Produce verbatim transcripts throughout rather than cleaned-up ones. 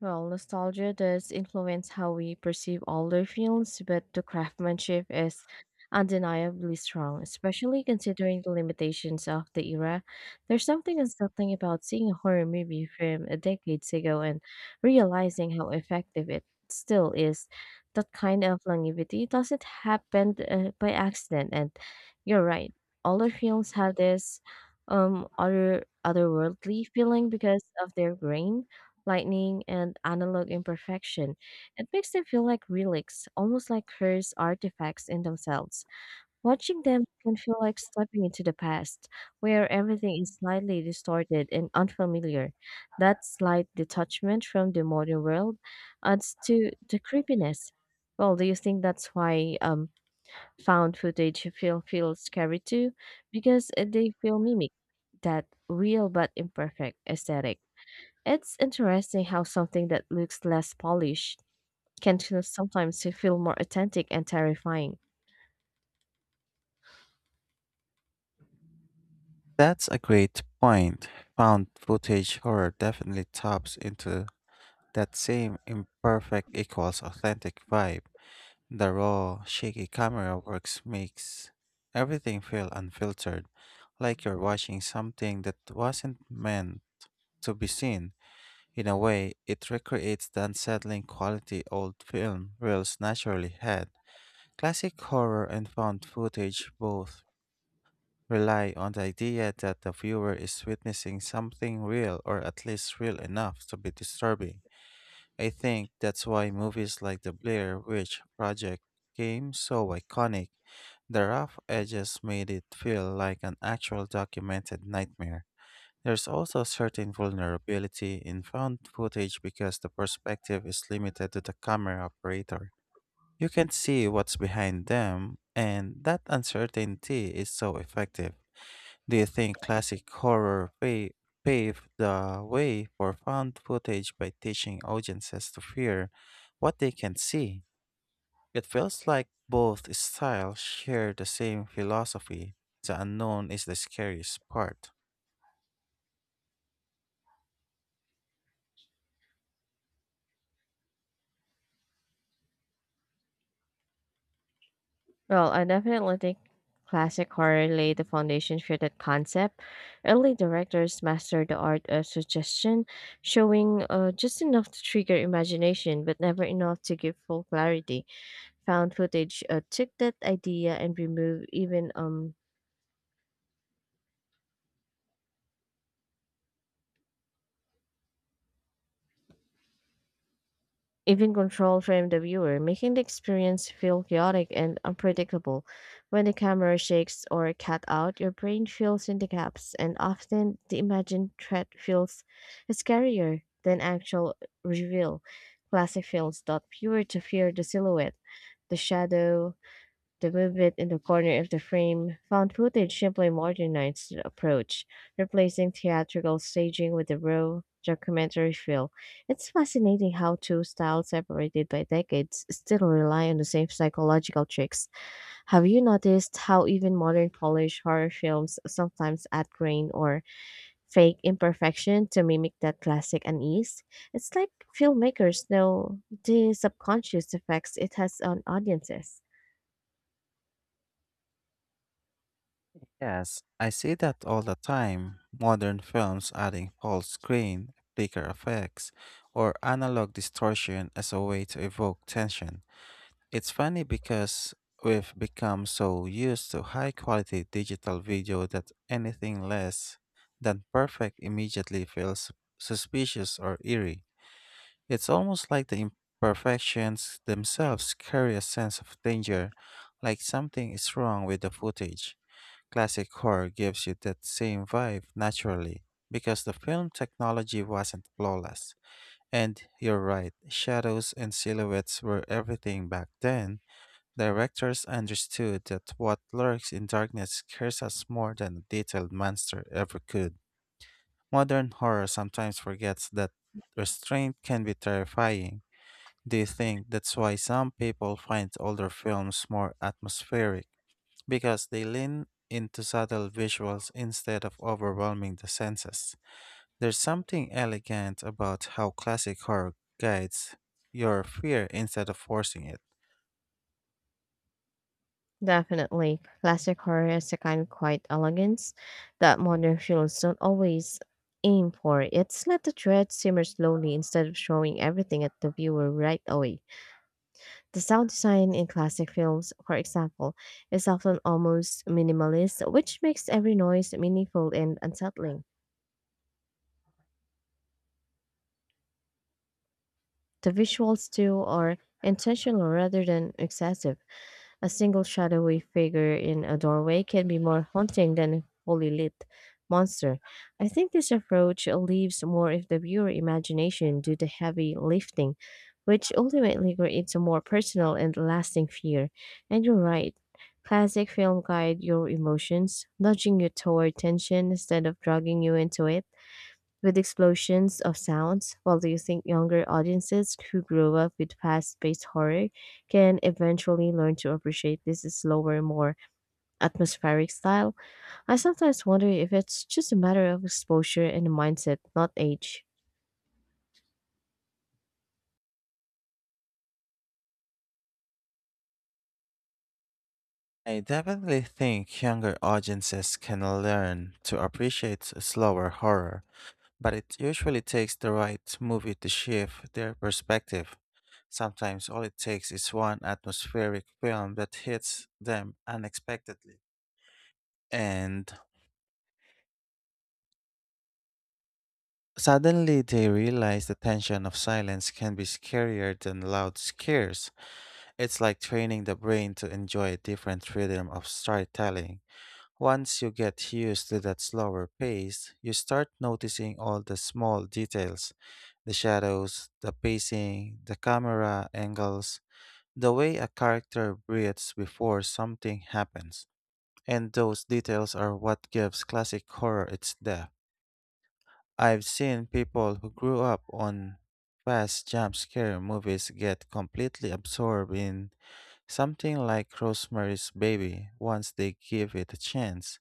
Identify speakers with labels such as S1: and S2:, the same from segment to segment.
S1: Well, nostalgia does influence how we perceive older films, but the craftsmanship is undeniably strong, especially considering the limitations of the era. There's something unsettling about seeing a horror movie from a decade ago and realizing how effective it still is. That kind of longevity doesn't happen uh, by accident, and you're right. Older films have this um other otherworldly feeling because of their grain lightning, and analog imperfection. It makes them feel like relics, almost like cursed artifacts in themselves. Watching them can feel like stepping into the past, where everything is slightly distorted and unfamiliar. That slight detachment from the modern world adds to the creepiness. Well, do you think that's why um, found footage feel feels scary too? Because uh, they feel mimic that real but imperfect aesthetic. It's interesting how something that looks less polished can feel- sometimes feel more authentic and terrifying.
S2: That's a great point. Found footage horror definitely taps into that same imperfect equals authentic vibe. The raw, shaky camera works makes everything feel unfiltered, like you're watching something that wasn't meant to be seen. In a way, it recreates the unsettling quality old film reels naturally had. Classic horror and found footage both rely on the idea that the viewer is witnessing something real or at least real enough to be disturbing. I think that's why movies like The Blair Witch Project became so iconic. The rough edges made it feel like an actual documented nightmare. There's also a certain vulnerability in found footage because the perspective is limited to the camera operator. You can't see what's behind them, and that uncertainty is so effective. Do you think classic horror pa- paved the way for found footage by teaching audiences to fear what they can see? It feels like both styles share the same philosophy. The unknown is the scariest part.
S1: Well, I definitely think classic horror laid the foundation for that concept. Early directors mastered the art of suggestion, showing uh, just enough to trigger imagination, but never enough to give full clarity. Found footage uh, took that idea and removed even um even control from the viewer, making the experience feel chaotic and unpredictable. When the camera shakes or cut out, your brain fills in the gaps, and often the imagined threat feels scarier than actual reveal. Classic films taught viewer to fear the silhouette, the shadow, the movement in the corner of the frame found footage simply modernized the approach, replacing theatrical staging with a raw documentary feel. It's fascinating how two styles separated by decades still rely on the same psychological tricks. Have you noticed how even modern Polish horror films sometimes add grain or fake imperfection to mimic that classic unease? It's like filmmakers know the subconscious effects it has on audiences.
S2: Yes, I see that all the time. Modern films adding full screen, flicker effects, or analog distortion as a way to evoke tension. It's funny because we've become so used to high quality digital video that anything less than perfect immediately feels suspicious or eerie. It's almost like the imperfections themselves carry a sense of danger, like something is wrong with the footage. Classic horror gives you that same vibe naturally because the film technology wasn't flawless. And you're right, shadows and silhouettes were everything back then. Directors understood that what lurks in darkness scares us more than a detailed monster ever could. Modern horror sometimes forgets that restraint can be terrifying. Do you think that's why some people find older films more atmospheric? Because they lean into subtle visuals instead of overwhelming the senses. There's something elegant about how classic horror guides your fear instead of forcing it.
S1: Definitely. Classic horror is a kind of quiet elegance that modern films don't always aim for. It's let the dread simmer slowly instead of showing everything at the viewer right away. The sound design in classic films, for example, is often almost minimalist, which makes every noise meaningful and unsettling. The visuals, too, are intentional rather than excessive. A single shadowy figure in a doorway can be more haunting than a fully lit monster. I think this approach leaves more of the viewer imagination do the heavy lifting, which ultimately creates a more personal and lasting fear. And you're right. Classic film guide your emotions, nudging you toward tension instead of dragging you into it with explosions of sounds, while do you think younger audiences who grew up with fast-paced horror can eventually learn to appreciate this slower, more atmospheric style? I sometimes wonder if it's just a matter of exposure and mindset, not age.
S2: I definitely think younger audiences can learn to appreciate slower horror, but it usually takes the right movie to shift their perspective. Sometimes all it takes is one atmospheric film that hits them unexpectedly. And suddenly they realize the tension of silence can be scarier than loud scares. It's like training the brain to enjoy a different rhythm of storytelling. Once you get used to that slower pace, you start noticing all the small details: the shadows, the pacing, the camera angles, the way a character breathes before something happens. And those details are what gives classic horror its depth. I've seen people who grew up on fast jump scare movies get completely absorbed in something like Rosemary's Baby once they give it a chance.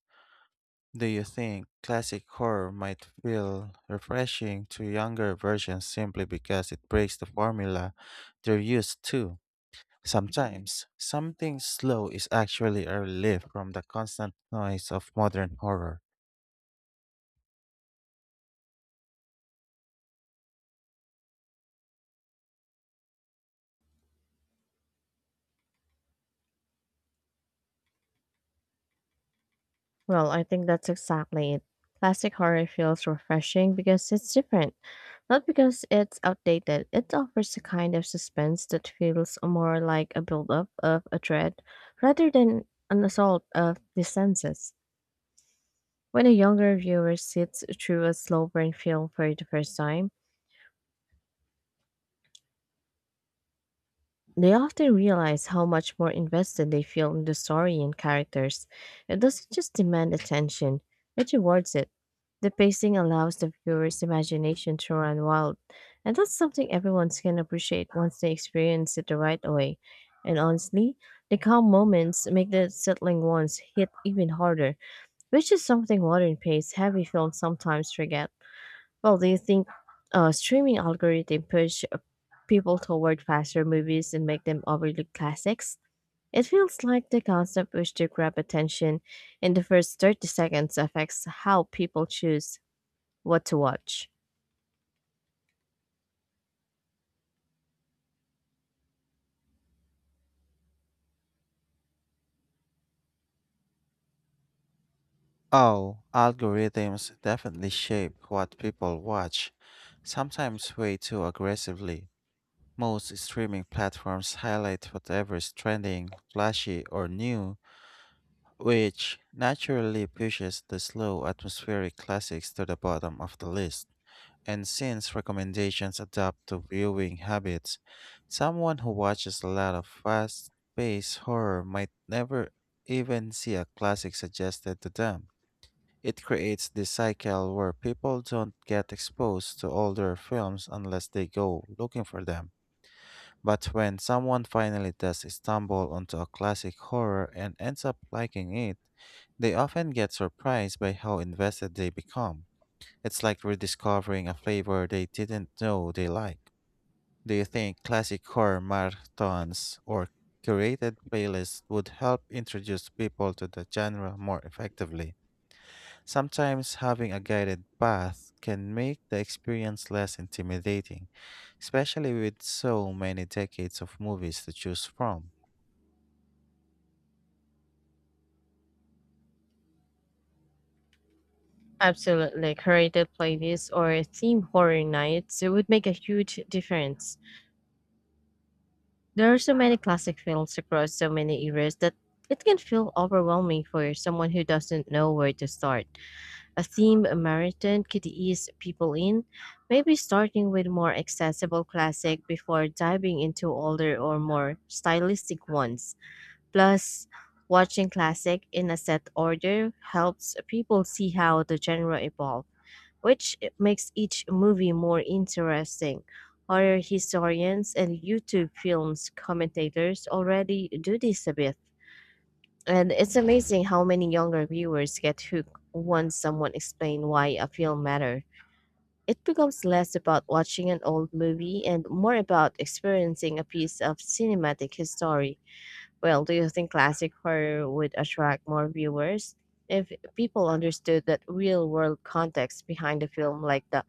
S2: Do you think classic horror might feel refreshing to younger versions simply because it breaks the formula they're used to? Sometimes, something slow is actually a relief from the constant noise of modern horror.
S1: Well, I think that's exactly it. Classic horror feels refreshing because it's different, not because it's outdated. It offers a kind of suspense that feels more like a build-up of a dread rather than an assault of the senses. When a younger viewer sits through a slow burn film for the first time, they often realize how much more invested they feel in the story and characters. It doesn't just demand attention, it rewards it. The pacing allows the viewer's imagination to run wild, and that's something everyone can appreciate once they experience it the right way. And honestly, the calm moments make the settling ones hit even harder, which is something modern paced heavy films sometimes forget. Well, do you think uh, streaming algorithm push people toward faster movies and make them overlook classics? It feels like the concept wish to grab attention in the first thirty seconds affects how people choose what to watch.
S2: Oh, algorithms definitely shape what people watch, sometimes way too aggressively. Most streaming platforms highlight whatever is trending, flashy, or new, which naturally pushes the slow atmospheric classics to the bottom of the list. And since recommendations adapt to viewing habits, someone who watches a lot of fast paced horror might never even see a classic suggested to them. It creates this cycle where people don't get exposed to older films unless they go looking for them. But when someone finally does stumble onto a classic horror and ends up liking it, they often get surprised by how invested they become. It's like rediscovering a flavor they didn't know they like. Do you think classic horror marathons or curated playlists would help introduce people to the genre more effectively? Sometimes having a guided path can make the experience less intimidating, especially with so many decades of movies to choose from.
S1: Absolutely, curated playlists or theme horror nights would make a huge difference. There are so many classic films across so many eras that it can feel overwhelming for someone who doesn't know where to start. A theme marathon could ease people in, maybe starting with more accessible classic before diving into older or more stylistic ones. Plus, watching classic in a set order helps people see how the genre evolved, which makes each movie more interesting. Horror historians and YouTube films commentators already do this a bit and it's amazing how many younger viewers get hooked once someone explains why a film matters. It becomes less about watching an old movie and more about experiencing a piece of cinematic history. Well, do you think classic horror would attract more viewers if people understood that real world context behind the film, like the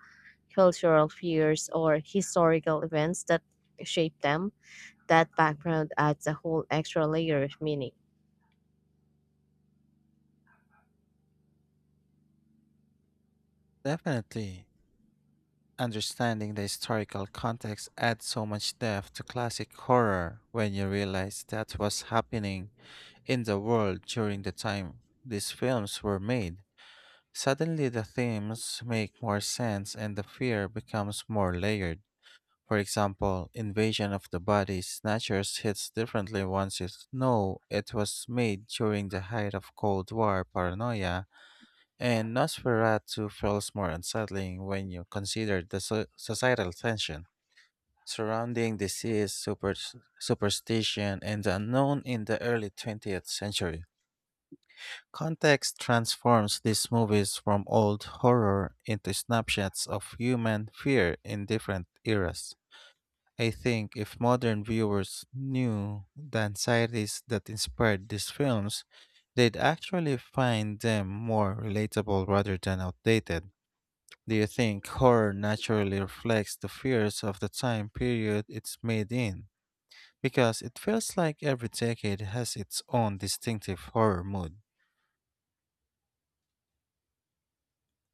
S1: cultural fears or historical events that shape them? That background adds a whole extra layer of meaning.
S2: Definitely, understanding the historical context adds so much depth to classic horror when you realize that was happening in the world during the time these films were made. Suddenly, the themes make more sense and the fear becomes more layered. For example, Invasion of the Body Snatchers hits differently once you know it was made during the height of Cold War paranoia, and Nosferatu feels more unsettling when you consider the so- societal tension surrounding disease, super- superstition, and the unknown in the early twentieth century. Context transforms these movies from old horror into snapshots of human fear in different eras. I think if modern viewers knew the anxieties that inspired these films, they'd actually find them more relatable rather than outdated. Do you think horror naturally reflects the fears of the time period it's made in? Because it feels like every decade has its own distinctive horror mood.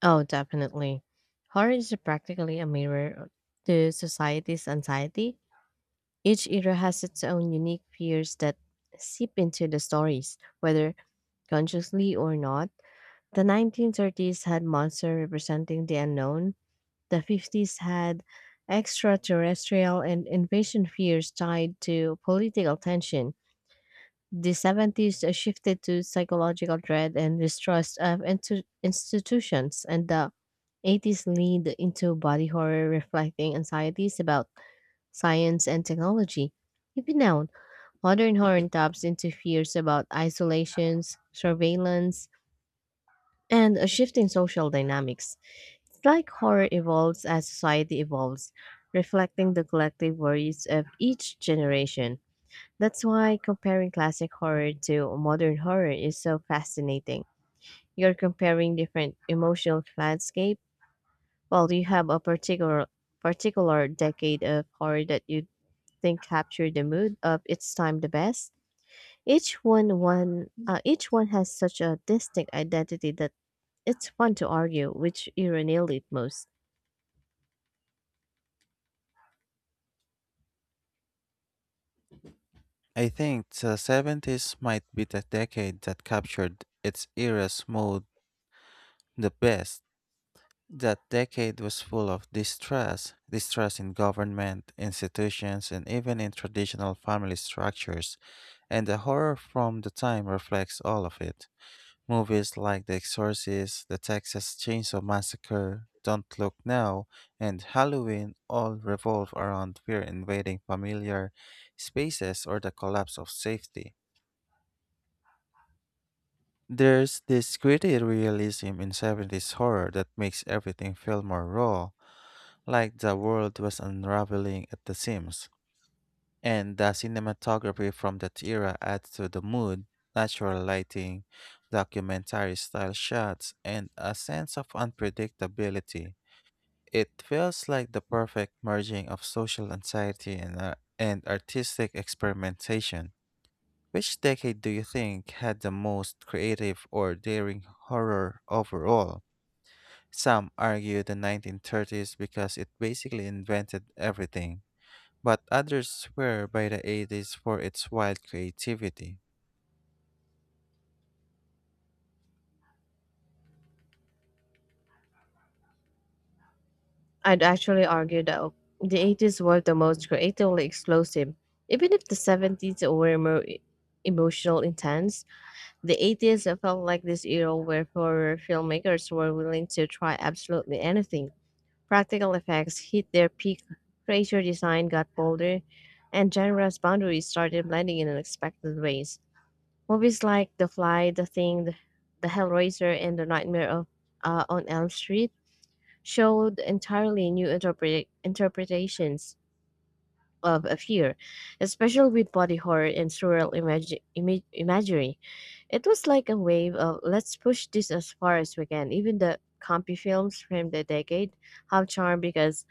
S1: Oh, definitely. Horror is practically a mirror to society's anxiety. Each era has its own unique fears that seep into the stories, whether consciously or not. The nineteen thirties had monsters representing the unknown. The fifties had extraterrestrial and invasion fears tied to political tension. The seventies shifted to psychological dread and distrust of intu- institutions, and the eighties leaned into body horror, reflecting anxieties about science and technology. Even now, modern horror taps into fears about isolations, surveillance, and a shifting social dynamics. It's like horror evolves as society evolves, reflecting the collective worries of each generation. That's why comparing classic horror to modern horror is so fascinating. You're comparing different emotional landscape while you have a particular particular decade of horror that you think captured the mood of its time the best. Each one one uh, each one has such a distinct identity that it's fun to argue which era nailed it most.
S2: I think the seventies might be the decade that captured its era's mood the best. That decade was full of distrust distrust in government, institutions, and even in traditional family structures, and the horror from the time reflects all of it. Movies like The Exorcist, The Texas Chainsaw Massacre, Don't Look Now, and Halloween all revolve around fear invading familiar spaces or the collapse of safety. There's this gritty realism in seventies horror that makes everything feel more raw, like the world was unraveling at the seams. And the cinematography from that era adds to the mood: natural lighting, documentary style shots, and a sense of unpredictability. It feels like the perfect merging of social anxiety and, uh, and artistic experimentation. Which decade do you think had the most creative or daring horror overall? Some argue the nineteen thirties because it basically invented everything. But others swear by the eighties for its wild creativity.
S1: I'd actually argue that the eighties were the most creatively explosive, even if the seventies were more e- emotional intense. The eighties felt like this era where horror filmmakers were willing to try absolutely anything. Practical effects hit their peak, creature design got bolder, and genre's boundaries started blending in unexpected ways. Movies like The Fly, The Thing, The, the Hellraiser, and The Nightmare of, uh, on Elm Street showed entirely new interpre- interpretations of a fear, especially with body horror and surreal imagi- ima- imagery. It was like a wave of let's push this as far as we can. Even the campy films from the decade have charm because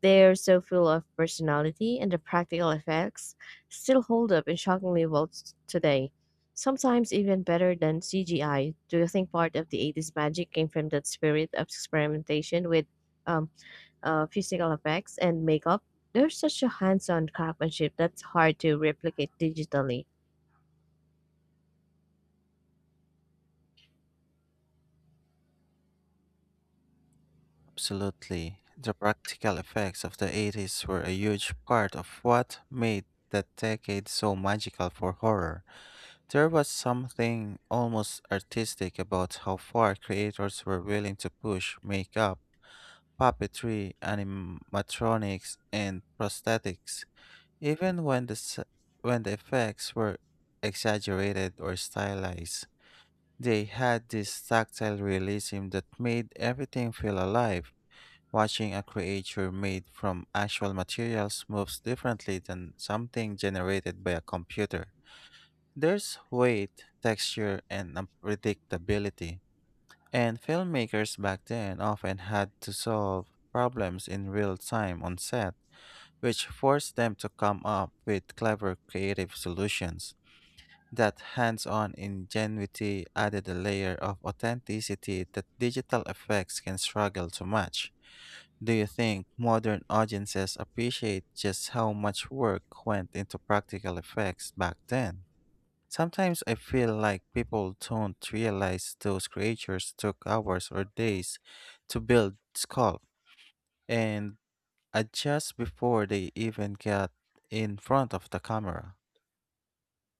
S1: they're so full of personality and the practical effects still hold up and shockingly well s- today. Sometimes even better than C G I. Do you think part of the eighties magic came from that spirit of experimentation with um, uh, physical effects and makeup, there's such a hands-on craftsmanship that's hard to replicate digitally.
S2: Absolutely. The practical effects of the eighties were a huge part of what made that decade so magical for horror. There was something almost artistic about how far creators were willing to push makeup, puppetry, animatronics, and prosthetics, even when the, s- when the effects were exaggerated or stylized. They had this tactile realism that made everything feel alive. Watching a creature made from actual materials moves differently than something generated by a computer. There's weight, texture, and unpredictability. And filmmakers back then often had to solve problems in real time on set, which forced them to come up with clever creative solutions. That hands-on ingenuity added a layer of authenticity that digital effects can struggle to match. Do you think modern audiences appreciate just how much work went into practical effects back then? Sometimes I feel like people don't realize those creatures took hours or days to build, sculpt, and adjust before they even got in front of the camera.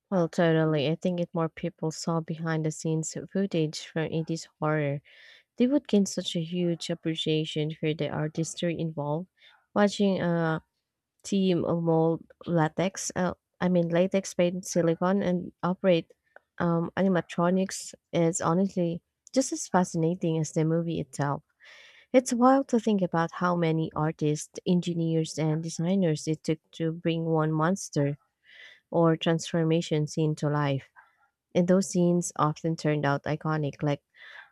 S1: Well, totally. I think if more people saw behind the scenes footage from eighties horror, they would gain such a huge appreciation for the artistry involved. Watching a team of mold latex, uh, I mean latex paint silicone and operate um, animatronics is honestly just as fascinating as the movie itself. It's wild to think about how many artists, engineers, and designers it took to bring one monster or transformation scene to life. And those scenes often turned out iconic, like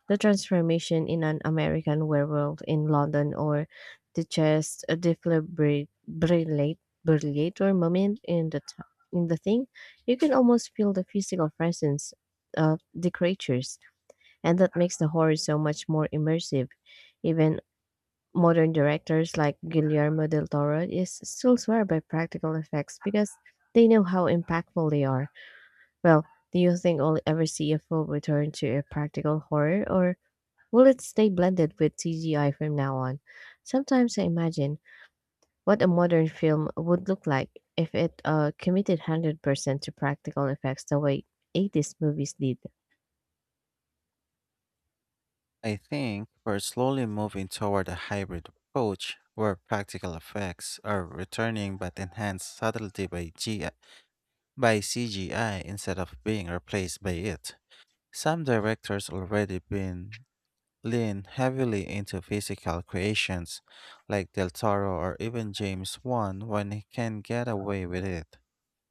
S1: the transformation in an American werewolf in London or the just a defibrillator moment in the t- in the thing, you can almost feel the physical presence of the creatures, and that makes the horror so much more immersive. Even modern directors like Guillermo del Toro is still swear by practical effects because they know how impactful they are. Well, do you think I'll ever see a full return to a practical horror, or will it stay blended with C G I from now on? Sometimes I imagine what a modern film would look like if it uh, committed one hundred percent to practical effects the way eighties movies did.
S2: I think we're slowly moving toward a hybrid approach where practical effects are returning but enhanced subtlety by, G- by C G I instead of being replaced by it. Some directors already been lean heavily into physical creations like Del Toro or even James Wan when he can get away with it.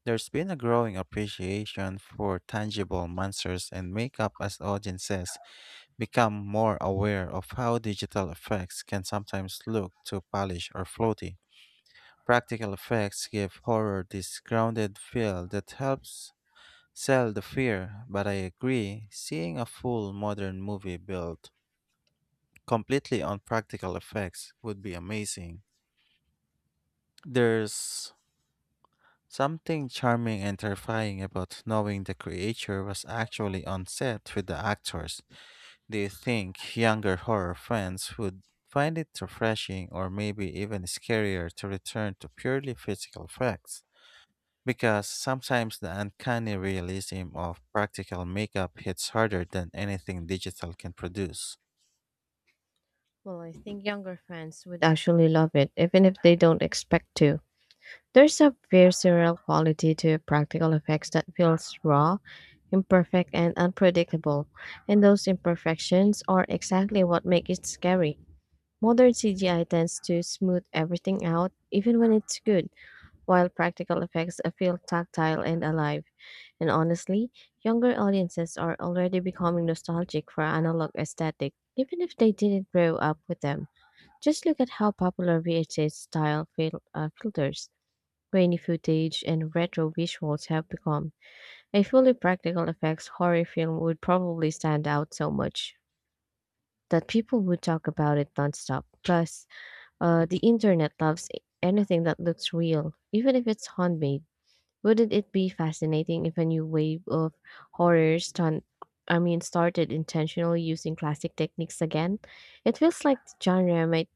S2: There's been a growing appreciation for tangible monsters and makeup as audiences become more aware of how digital effects can sometimes look too polished or floaty. Practical effects give horror this grounded feel that helps sell the fear, but I agree, seeing a full modern movie built completely on practical effects would be amazing. There's something charming and terrifying about knowing the creature was actually on set with the actors. Do you think younger horror fans would find it refreshing or maybe even scarier to return to purely physical effects? Because sometimes the uncanny realism of practical makeup hits harder than anything digital can produce.
S1: Well, I think younger fans would actually love it, even if they don't expect to. There's a visceral quality to practical effects that feels raw, imperfect, and unpredictable, and those imperfections are exactly what make it scary. Modern C G I tends to smooth everything out, even when it's good, while practical effects feel tactile and alive. And honestly, younger audiences are already becoming nostalgic for analog aesthetic, even if they didn't grow up with them. Just look at how popular V H S style fil- uh, filters, grainy footage, and retro visuals have become. A fully practical effects horror film would probably stand out so much that people would talk about it nonstop. Plus, uh, the internet loves anything that looks real, even if it's handmade. Wouldn't it be fascinating if a new wave of horror stunt I mean started intentionally using classic techniques again? It feels like the genre might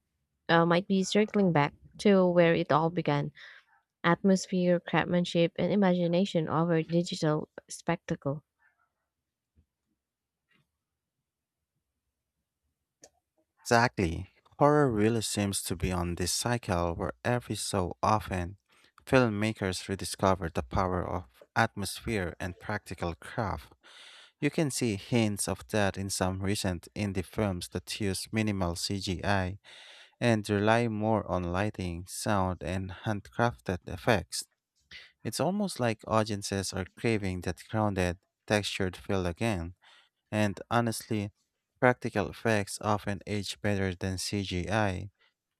S1: uh, might be circling back to where it all began. Atmosphere, craftsmanship, and imagination over digital spectacle.
S2: Exactly. Horror really seems to be on this cycle where every so often filmmakers rediscover the power of atmosphere and practical craft. You can see hints of that in some recent indie films that use minimal C G I and rely more on lighting, sound, and handcrafted effects. It's almost like audiences are craving that grounded, textured feel again. And honestly, practical effects often age better than C G I,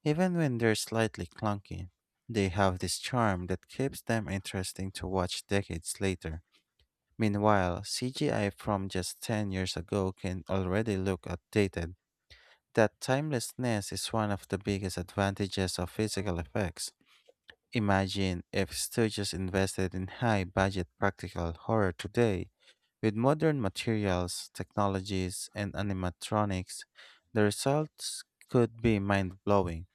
S2: even when they're slightly clunky. They have this charm that keeps them interesting to watch decades later. Meanwhile, C G I from just ten years ago can already look outdated. That timelessness is one of the biggest advantages of physical effects. Imagine if studios invested in high budget practical horror today. With modern materials, technologies, and animatronics, the results could be mind blowing.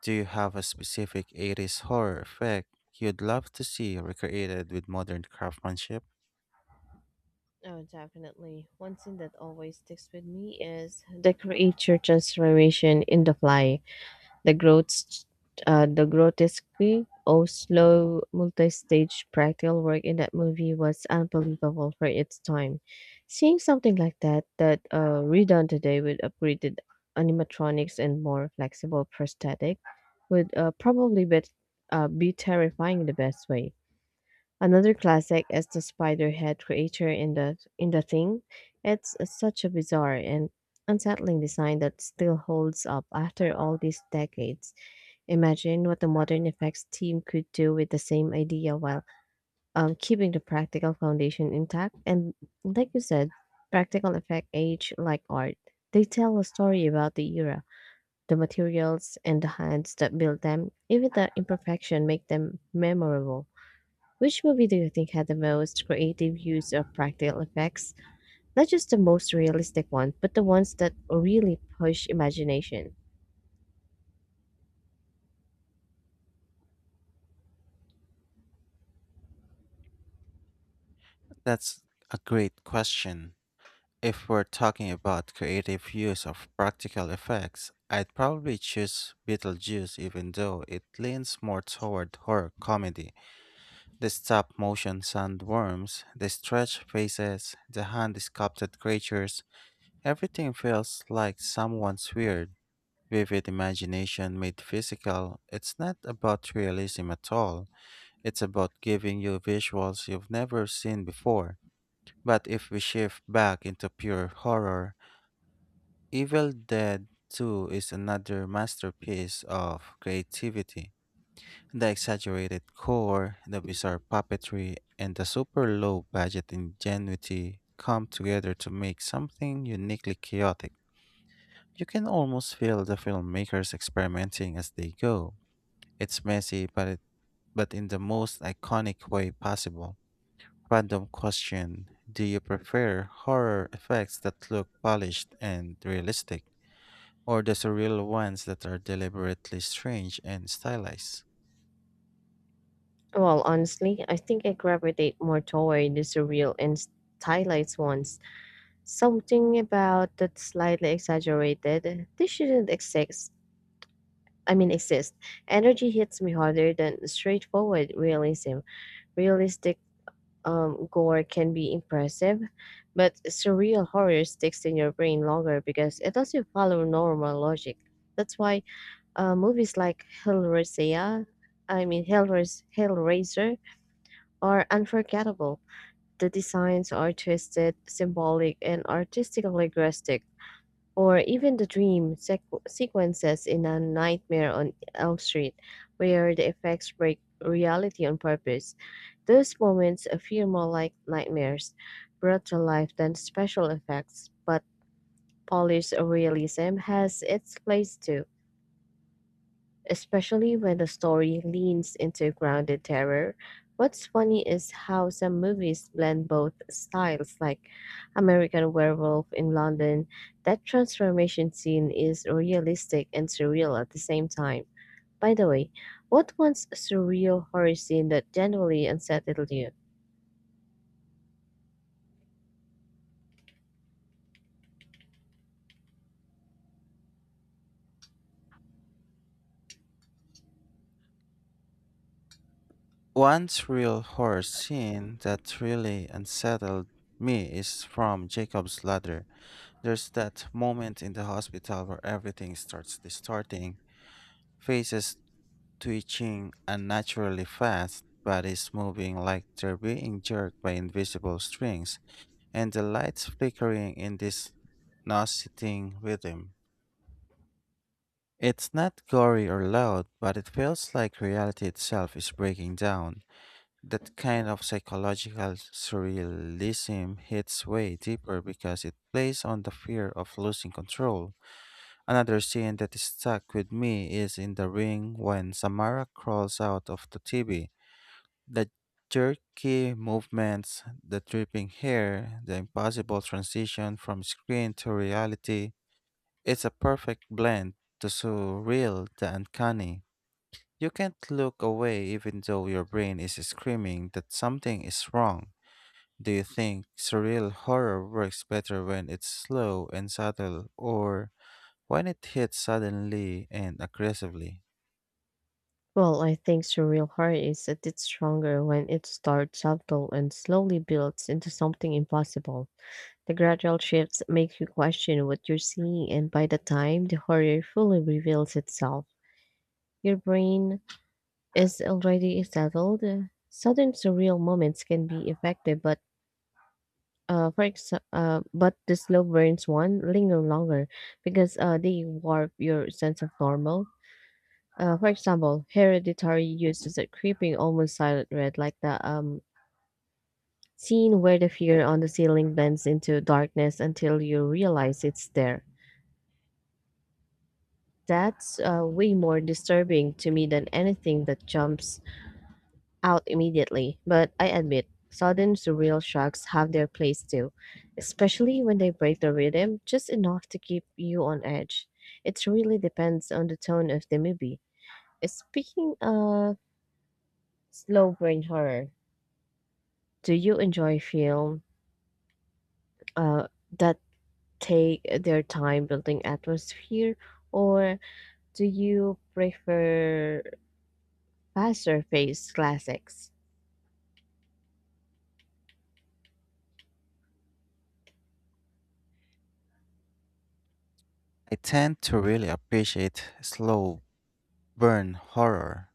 S2: Do you have a specific eighties horror effect you'd love to see recreated with modern craftsmanship?
S1: Oh, definitely. One scene that always sticks with me is the creature transformation in The Fly. The growth, uh, the grotesquely or slow multi-stage practical work in that movie was unbelievable for its time. Seeing something like that that uh, redone today with upgraded animatronics and more flexible prosthetic would uh, probably be, uh, be terrifying in the best way. Another classic is the spider head creature in the in the thing. It's uh, such a bizarre and unsettling design that still holds up after all these decades. Imagine what the modern effects team could do with the same idea while um, keeping the practical foundation intact. And like you said, practical effect age like art. They tell a story about the era, the materials, and the hands that built them. Even the imperfection make them memorable. Which movie do you think had the most creative use of practical effects? Not just the most realistic one, but the ones that really push imagination.
S2: That's a great question. If we're talking about creative use of practical effects, I'd probably choose Beetlejuice even though it leans more toward horror comedy. The stop motion sandworms, the stretched faces, the hand sculpted creatures, everything feels like someone's weird, vivid imagination made physical. It's not about realism at all, it's about giving you visuals you've never seen before. But if we shift back into pure horror, Evil Dead two is another masterpiece of creativity. The exaggerated gore, the bizarre puppetry, and the super low budget ingenuity come together to make something uniquely chaotic. You can almost feel the filmmakers experimenting as they go. It's messy, but, it, but in the most iconic way possible. Random question: do you prefer horror effects that look polished and realistic, or the surreal ones that are deliberately strange and stylized?
S1: Well, honestly, I think I gravitate more toward the surreal and stylized ones. Something about that slightly exaggerated. This shouldn't exist. I mean, exist. Energy hits me harder than straightforward realism. Realistic um, gore can be impressive, but surreal horror sticks in your brain longer because it doesn't follow normal logic. That's why uh, movies like Hellraiser, I mean Hellrais- Hellraiser, are unforgettable. The designs are twisted, symbolic, and artistically grotesque. Or even the dream sequ- sequences in A Nightmare on Elm Street, where the effects break reality on purpose. Those moments appear more like nightmares brought to life than special effects, but polished realism has its place too especially when the story leans into grounded terror. What's funny is how some movies blend both styles, like American Werewolf in London. That transformation scene is realistic and surreal at the same time. By the way, what once surreal horror scene that generally unsettled you?
S2: One surreal horror scene that really unsettled me is from Jacob's Ladder. There's that moment in the hospital where everything starts distorting, faces twitching unnaturally fast, bodies moving like they're being jerked by invisible strings and the lights flickering in this nauseating rhythm. It's not gory or loud, but it feels like reality itself is breaking down. That kind of psychological surrealism hits way deeper because it plays on the fear of losing control. Another scene that stuck with me is in The Ring when Samara crawls out of the T V. The jerky movements, the dripping hair, the impossible transition from screen to reality. It's a perfect blend, the surreal, the uncanny. You can't look away even though your brain is screaming that something is wrong. Do you think surreal horror works better when it's slow and subtle or when it hits suddenly and aggressively?
S1: Well, I think surreal horror is a bit stronger when it starts subtle and slowly builds into something impossible. The gradual shifts make you question what you're seeing, and by the time the horror fully reveals itself, your brain is already settled. Sudden surreal moments can be effective, but uh, for ex uh, but the slow burns one linger longer because uh, they warp your sense of normal. Uh, for example, hereditary uses a creeping, almost silent red, like the um, scene where the figure on the ceiling bends into darkness until you realize it's there. That's uh, way more disturbing to me than anything that jumps out immediately. But I admit, sudden surreal shocks have their place too, especially when they break the rhythm just enough to keep you on edge. It really depends on the tone of the movie. Uh, Speaking of slow brain horror, do you enjoy film uh, that take their time building atmosphere, or do you prefer faster paced classics?
S2: I tend to really appreciate slow burn horror.